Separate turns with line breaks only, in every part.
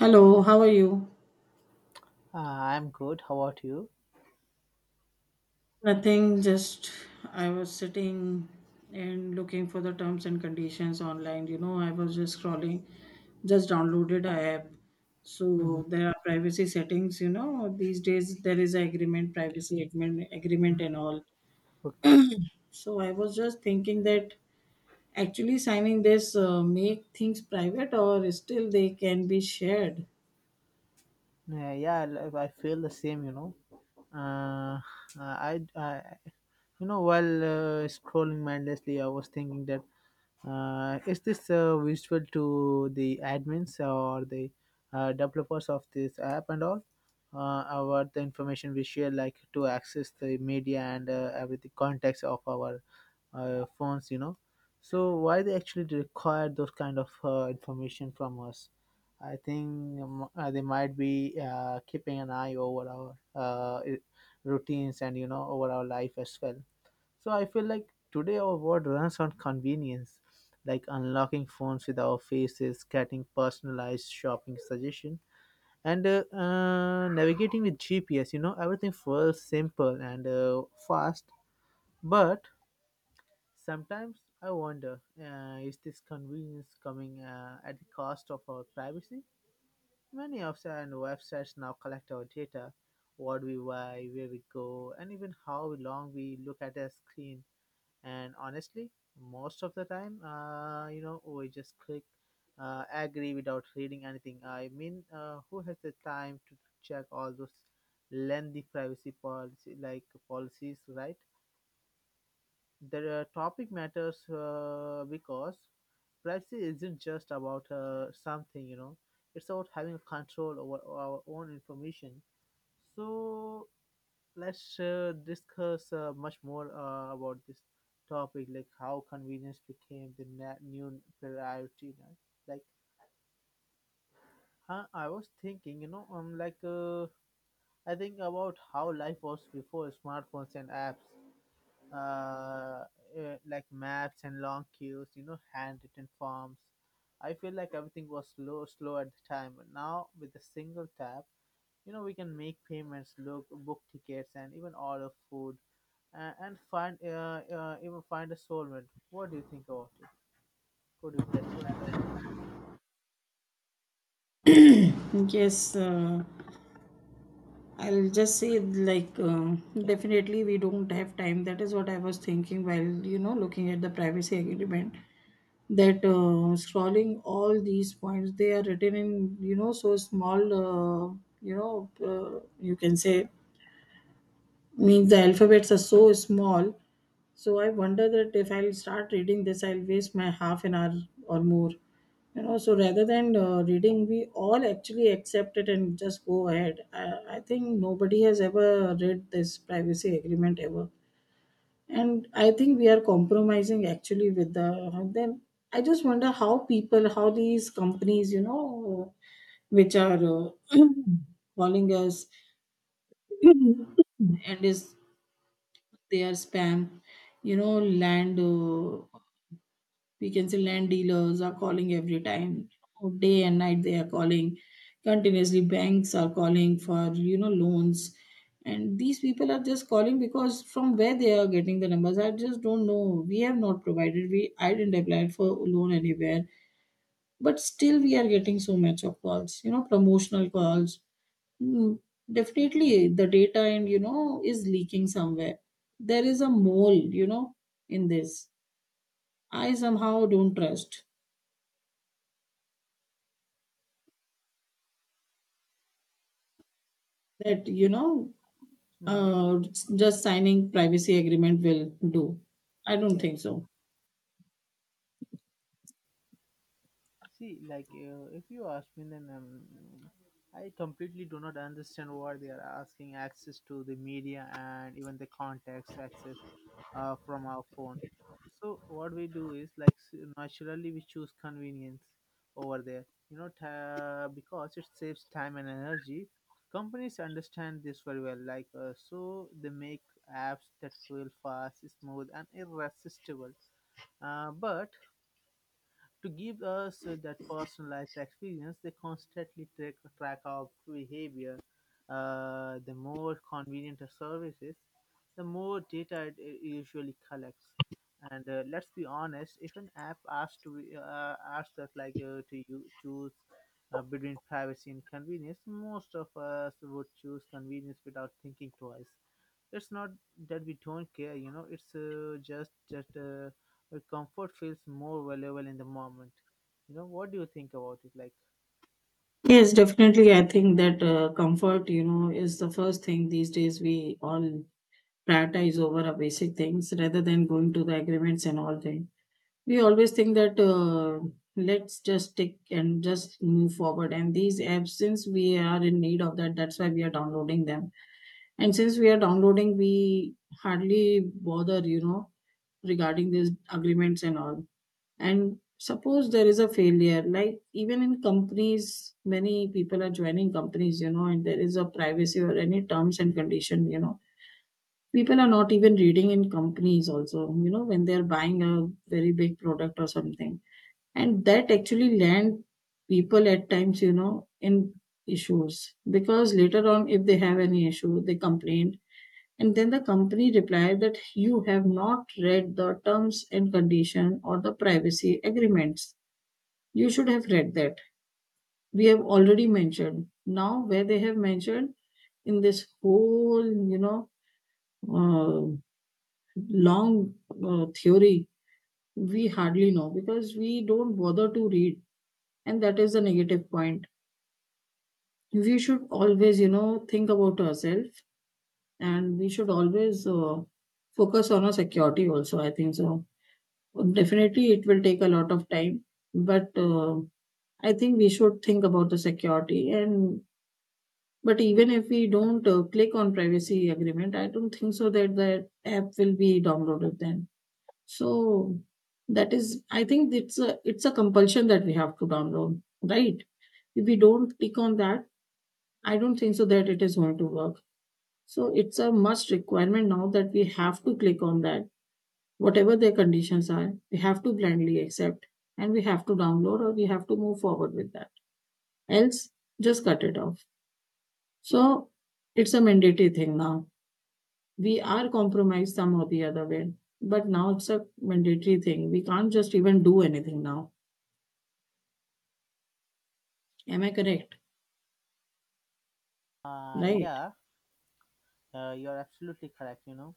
Hello, how are you?
I'm good. How about you?
Nothing, just I was sitting and looking for the terms and conditions online. You know, I was just scrolling, just downloaded a app.
Mhm.
So there are privacy settings, you know, these days there is a agreement, privacy agreement, agreement and all.
Okay.
So I was just thinking that actually signing this make things private or still they can be shared.
Yeah, I feel the same. You know, uh, I, you know, while scrolling mindlessly, I was thinking that is this useful to the admins or the developers of this app and all about the information we share, like to access the media and every the context of our phones, you know, so why they actually require those kind of information from us. I think they might be keeping an eye over our routines, and you know, over our life as well. So I feel like today our world runs on convenience, like unlocking phones with our faces, getting personalized shopping suggestion, and navigating with gps, you know, everything feels simple and fast. But sometimes I wonder, is this convenience coming at the cost of our privacy? Many apps and websites now collect our data, what we buy, where we go, and even how long we look at a screen. And honestly, most of the time, you know, we just click agree without reading anything. I mean, who has the time to check all those lengthy privacy policy like policies, right? The topic matters because privacy isn't just about something, you know, it's about having control over our own information. So let's discuss much more about this topic, like how convenience became the new priority. You know? Like, huh, I was thinking, you know, like I think about how life was before smartphones and apps, uh, like maps and long queues, you know, handwritten forms. I feel like everything was slow at the time. But now with a single tap, you know, we can make payments, book tickets, and even order food, and find even find a soulmate. What do you think about it? Could you please?
Yes, I'll just say like definitely we don't have time. That is what I was thinking while you know looking at the privacy agreement. That scrolling all these points they are written in you know so small you know you can say means the alphabets are so small, so I wonder that if I'll start reading this, I'll waste my half an hour or more. You know, so rather than reading, we all actually accept it and just go ahead. I think nobody has ever read this privacy agreement ever, and I think we are compromising actually with the. Then I just wonder how people, how these companies, you know, which are calling us and is they are spam, you know, land uh, we can say land dealers are calling every time. Oh, day and night they are calling continuously, banks are calling for you know loans, and these people are just calling because from where they are getting the numbers I just don't know. We have not provided, we I didn't apply for loan anywhere, but still we are getting so much of calls, you know, promotional calls. Mm, definitely the data and you know is leaking somewhere, there is a mole, you know, in this. I somehow don't trust that you know
Mm-hmm.
uh, just signing privacy agreement will do. I don't
Yeah.
think so.
See, like if you ask me, then I completely do not understand why they are asking access to the media and even the contacts access from our phone. So what we do is like naturally we choose convenience over there, you know, ta because it saves time and energy. Companies understand this very well, like so they make apps that feel fast, smooth, and irresistible. But to give us that personalized experience, they constantly track our behavior. The more convenient a service is, the more data it usually collects. And let's be honest, if an app asks to asks us like to you choose between privacy and convenience, most of us would choose convenience without thinking twice. It's not that we don't care, you know, it's just that our comfort feels more valuable in the moment. You know, what do you think about it? Like,
Yes, definitely I think that comfort you know is the first thing these days. We all prioritize over our basic things rather than going to the agreements and all things. We always think that let's just tick and just move forward, and these apps, since we are in need of that, that's why we are downloading them. And since we are downloading, we hardly bother, you know, regarding these agreements and all. And suppose there is a failure, like even in companies, many people are joining companies, you know, and there is a privacy or any terms and condition, you know. People are not even reading in companies also, you know, when they're buying a very big product or something. And that actually land people at times, you know, in issues, because later on, if they have any issue, they complain and then the company replied that you have not read the terms and condition or the privacy agreements. You should have read that. We have already mentioned. Now, where they have mentioned in this whole, you know, uh, long theory, we hardly know because we don't bother to read. And that is the negative point. We should always, you know, think about ourselves, and we should always focus on our security also. I think so. Definitely, it will take a lot of time, but I think we should think about the security. And but even if we don't click on privacy agreement, I don't think so that the app will be downloaded then. So that is, I think it's a compulsion that we have to download, right? If we don't click on that, I don't think so that it is going to work. So it's a must requirement now that we have to click on that. Whatever their conditions are, we have to blindly accept and we have to download or we have to move forward with that. Else, just cut it off. So it's a mandatory thing now. We are compromised some or the other way, but now it's a mandatory thing. We can't just even do anything now. Am I correct? Right.
yeah, you're absolutely correct, you know.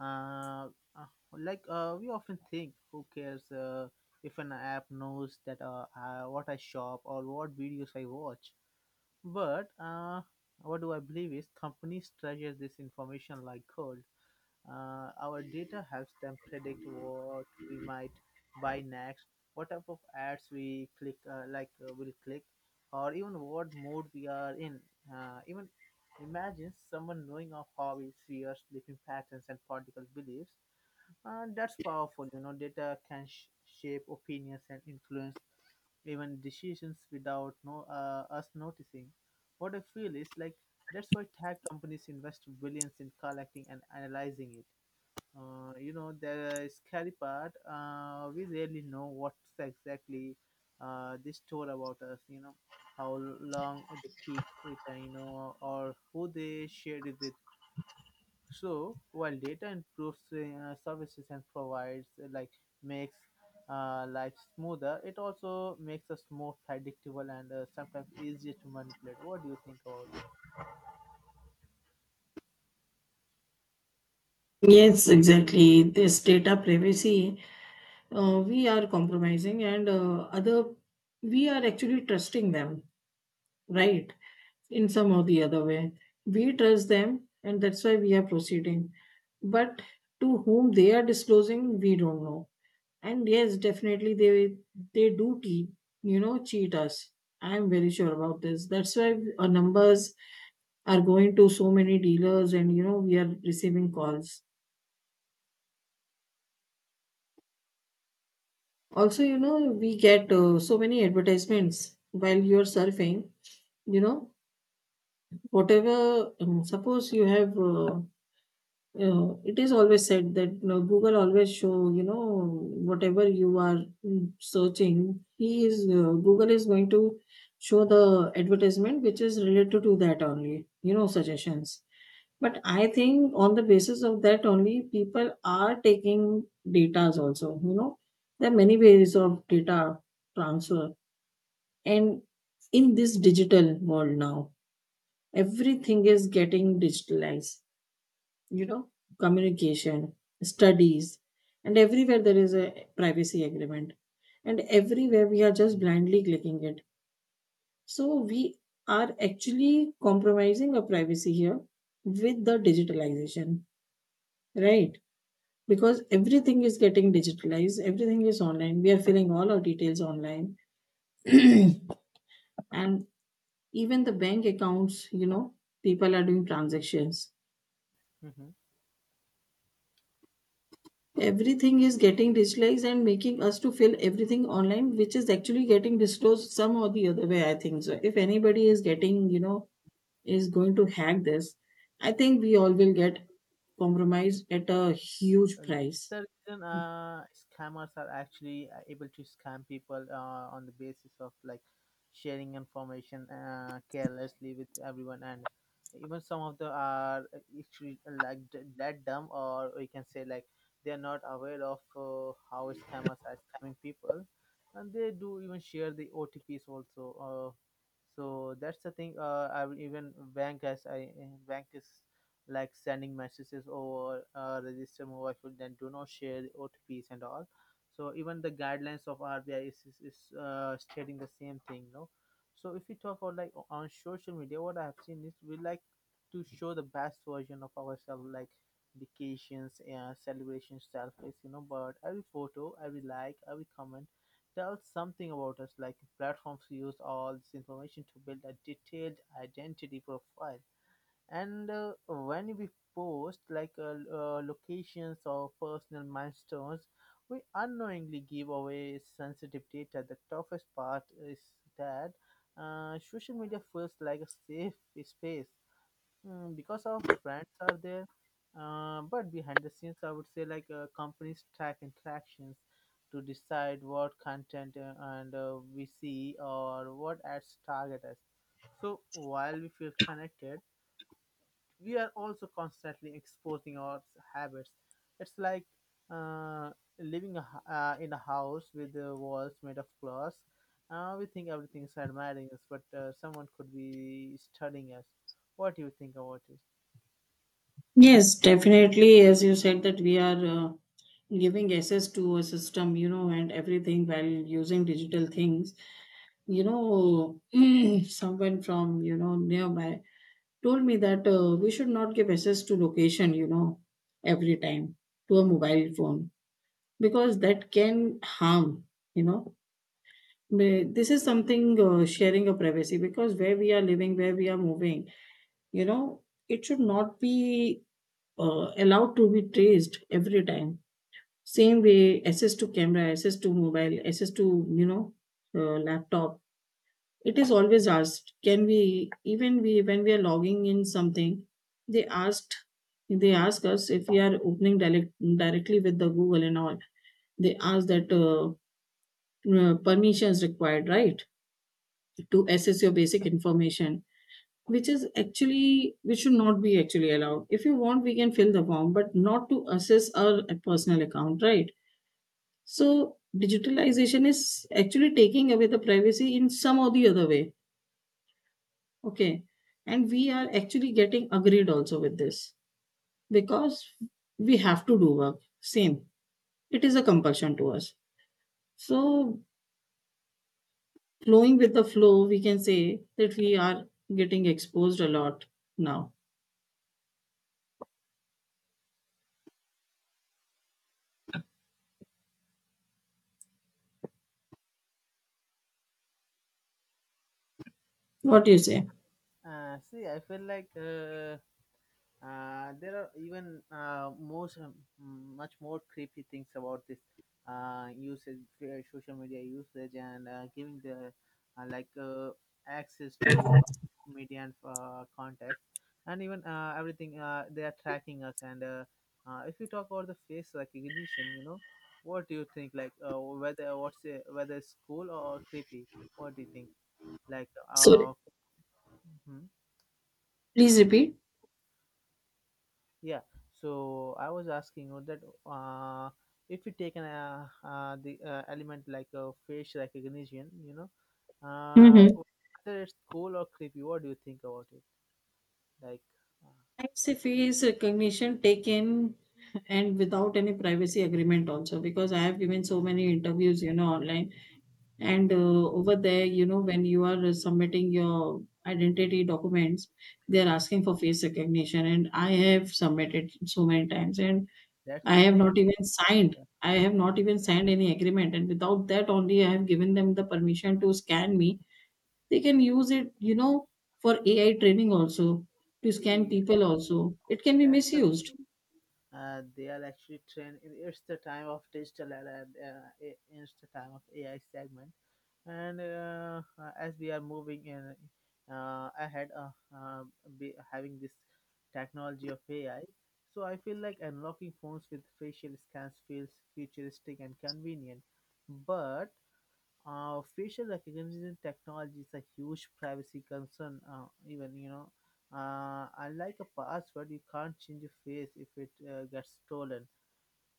Uh, uh, like, we often think, who cares if an app knows that what I shop or what videos I watch? But what do I believe is companies treasure this information like gold. Our data helps them predict what we might buy next, what type of ads we click, like will click, or even what mood we are in. Even imagine someone knowing our hobbies, fears, sleeping patterns, and political beliefs. That's powerful. You know, data can shape opinions and influence even decisions without no us noticing. What I feel is like that's why tech companies invest billions in collecting and analyzing it. You know, the scary part, we really know what's exactly they store about us, you know, how long they keep it, you know, or who they shared it with. So, while data improves services and provides, like, makes life smoother, it also makes us more predictable and sometimes easier to manipulate. What do you think about it?
Yes, exactly. This data privacy, we are compromising, and other, we are actually trusting them, right? In some or the other way. We trust them, and that's why we are proceeding. But to whom they are disclosing, we don't know. And yes, definitely they do keep, you know, cheat us. I am very sure about this. That's why our numbers are going to so many dealers, and you know we are receiving calls. Also, you know we get so many advertisements while you are surfing. You know whatever. Suppose you have. It is always said that you know, Google always show you know whatever you are searching. He is Google is going to show the advertisement which is related to that only. You know, suggestions. But I think on the basis of that only people are taking datas also. You know there are many ways of data transfer, and in this digital world now everything is getting digitalized, you know, communication, studies, and everywhere there is a privacy agreement. And everywhere we are just blindly clicking it. So we are actually compromising our privacy here with the digitalization, right? Because everything is getting digitalized, everything is online. We are filling all our details online. And even the bank accounts, you know, people are doing transactions,
Mm-hmm.
everything is getting digitalized and making us to fill everything online, which is actually getting disclosed some or the other way. I think so, if anybody is getting you know is going to hack this, I think we all will get compromised at a huge
And
price.
the reason scammers are actually able to scam people on the basis of like sharing information carelessly with everyone, and even some of the are actually like that dumb, or we can say like they are not aware of how scammers are scamming people, and they do even share the OTPs also. So that's the thing. I will even bank as I bank is like sending messages over register mobile phone, then do not share otps and all. So even the guidelines of rbi is stating the same thing, no? So if we talk about like on social media, what I have seen is we like to show the best version of ourselves, like vacations and celebrations selfies, you know. But every photo, every like, every comment tells something about us. Like platforms use all this information to build a detailed identity profile, and when we post like locations or personal milestones, we unknowingly give away sensitive data. The toughest part is that social media feels like a safe space, mm, because our friends are there. But behind the scenes, I would say like companies track interactions to decide what content and we see or what ads target us. So while we feel connected, we are also constantly exposing our habits. It's like uh, living in a house with the walls made of glass. We think everything is admiring us, but someone could be studying us. What do you think about it?
Yes, definitely, as you said that we are giving access to a system, you know, and everything while using digital things, you know. Someone from you know nearby told me that we should not give access to location, you know, every time to a mobile phone, because that can harm, you know. May- this is something sharing a privacy, because where we are living, where we are moving, you know, it should not be allowed to be traced every time. Same way, access to camera, access to mobile, access to, you know, laptop, it is always asked. Can we even we when we are logging in something, they asked, they ask us if we are opening direct, directly with the Google and all, they ask that permissions required, right, to access your basic information, which is actually which should not be actually allowed. If you want we can fill the form but not to access our personal account, right? So digitalization is actually taking away the privacy in some or the other way. Okay. And we are actually getting agreed also with this because we have to do work. Same. It is a compulsion to us. So, flowing with the flow, we can say that we are getting exposed a lot now. What do you say?
See, I feel like there are even most much more creepy things about this usage, social media usage, and giving the like access to media and contacts, and even everything. They are tracking us, and if you talk about the face recognition, you know, what do you think? Like whether what's whether it's cool or creepy? What do you think? Like
So,
mhm.
please repeat.
Yeah, so I was asking you that if you take an the element like a face recognition, you know, uh,
Mm-hmm.
whether it's cool or creepy, what do you think about it? Like, uh,
Face recognition taken and without any privacy agreement also, because I have given so many interviews, you know, online,
yeah,
and over there you know when you are submitting your identity documents they
hmm,
are asking for face recognition and I have submitted so many times. And
that's
I
the
have
thing.
not even signed
Yeah,
I have not even signed any agreement, and without that only I have given them the permission to scan me. They can use it, you know, for AI training also, to scan
yeah,
people also, it can be
that's the
misused
they are actually trained. It's the time of digital era, it's the time of AI segment, and as we are moving in ahead, uh, be having this technology of ai. So I feel like unlocking phones with facial scans feels futuristic and convenient, but facial recognition technology is a huge privacy concern, even you know, unlike a password, you can't change your face if it gets stolen.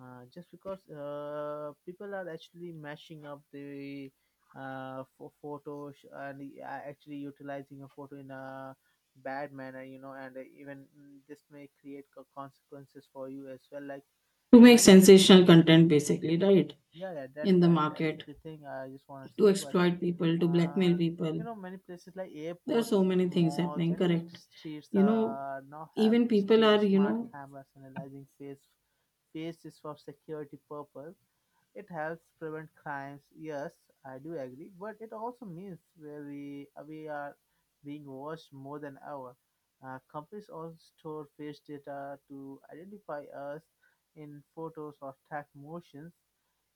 Just because people are actually mashing up the photos and actually utilizing a photo in a bad manner, you know, and even mm, this may create consequences for you as well. Like
to make
many places,
sensational content basically, right?
yeah, yeah,
In the
that's
market,
the thing I just want to
to
say. But
exploit people, to blackmail
uh, you
people.
know, many places like
There are
airports,
so many things
malls,
happening,
and even
correct.
streets
You know,
now have
even people
street
are, you
smart
know,
cameras analyzing faces for security purpose. It helps prevent crimes. Yes, I do agree, but it also means where we are being watched more than ever. Companies also store face data to identify us in photos or track motions.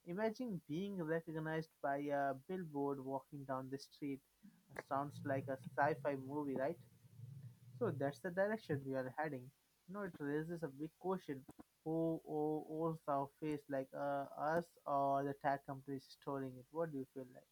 Imagine being recognized by a billboard walking down the street. Sounds like a sci-fi movie, right? So that's the direction we are heading. You know, it raises a big question: Who owns the face, like us or the tech companies storing it? What do you feel like?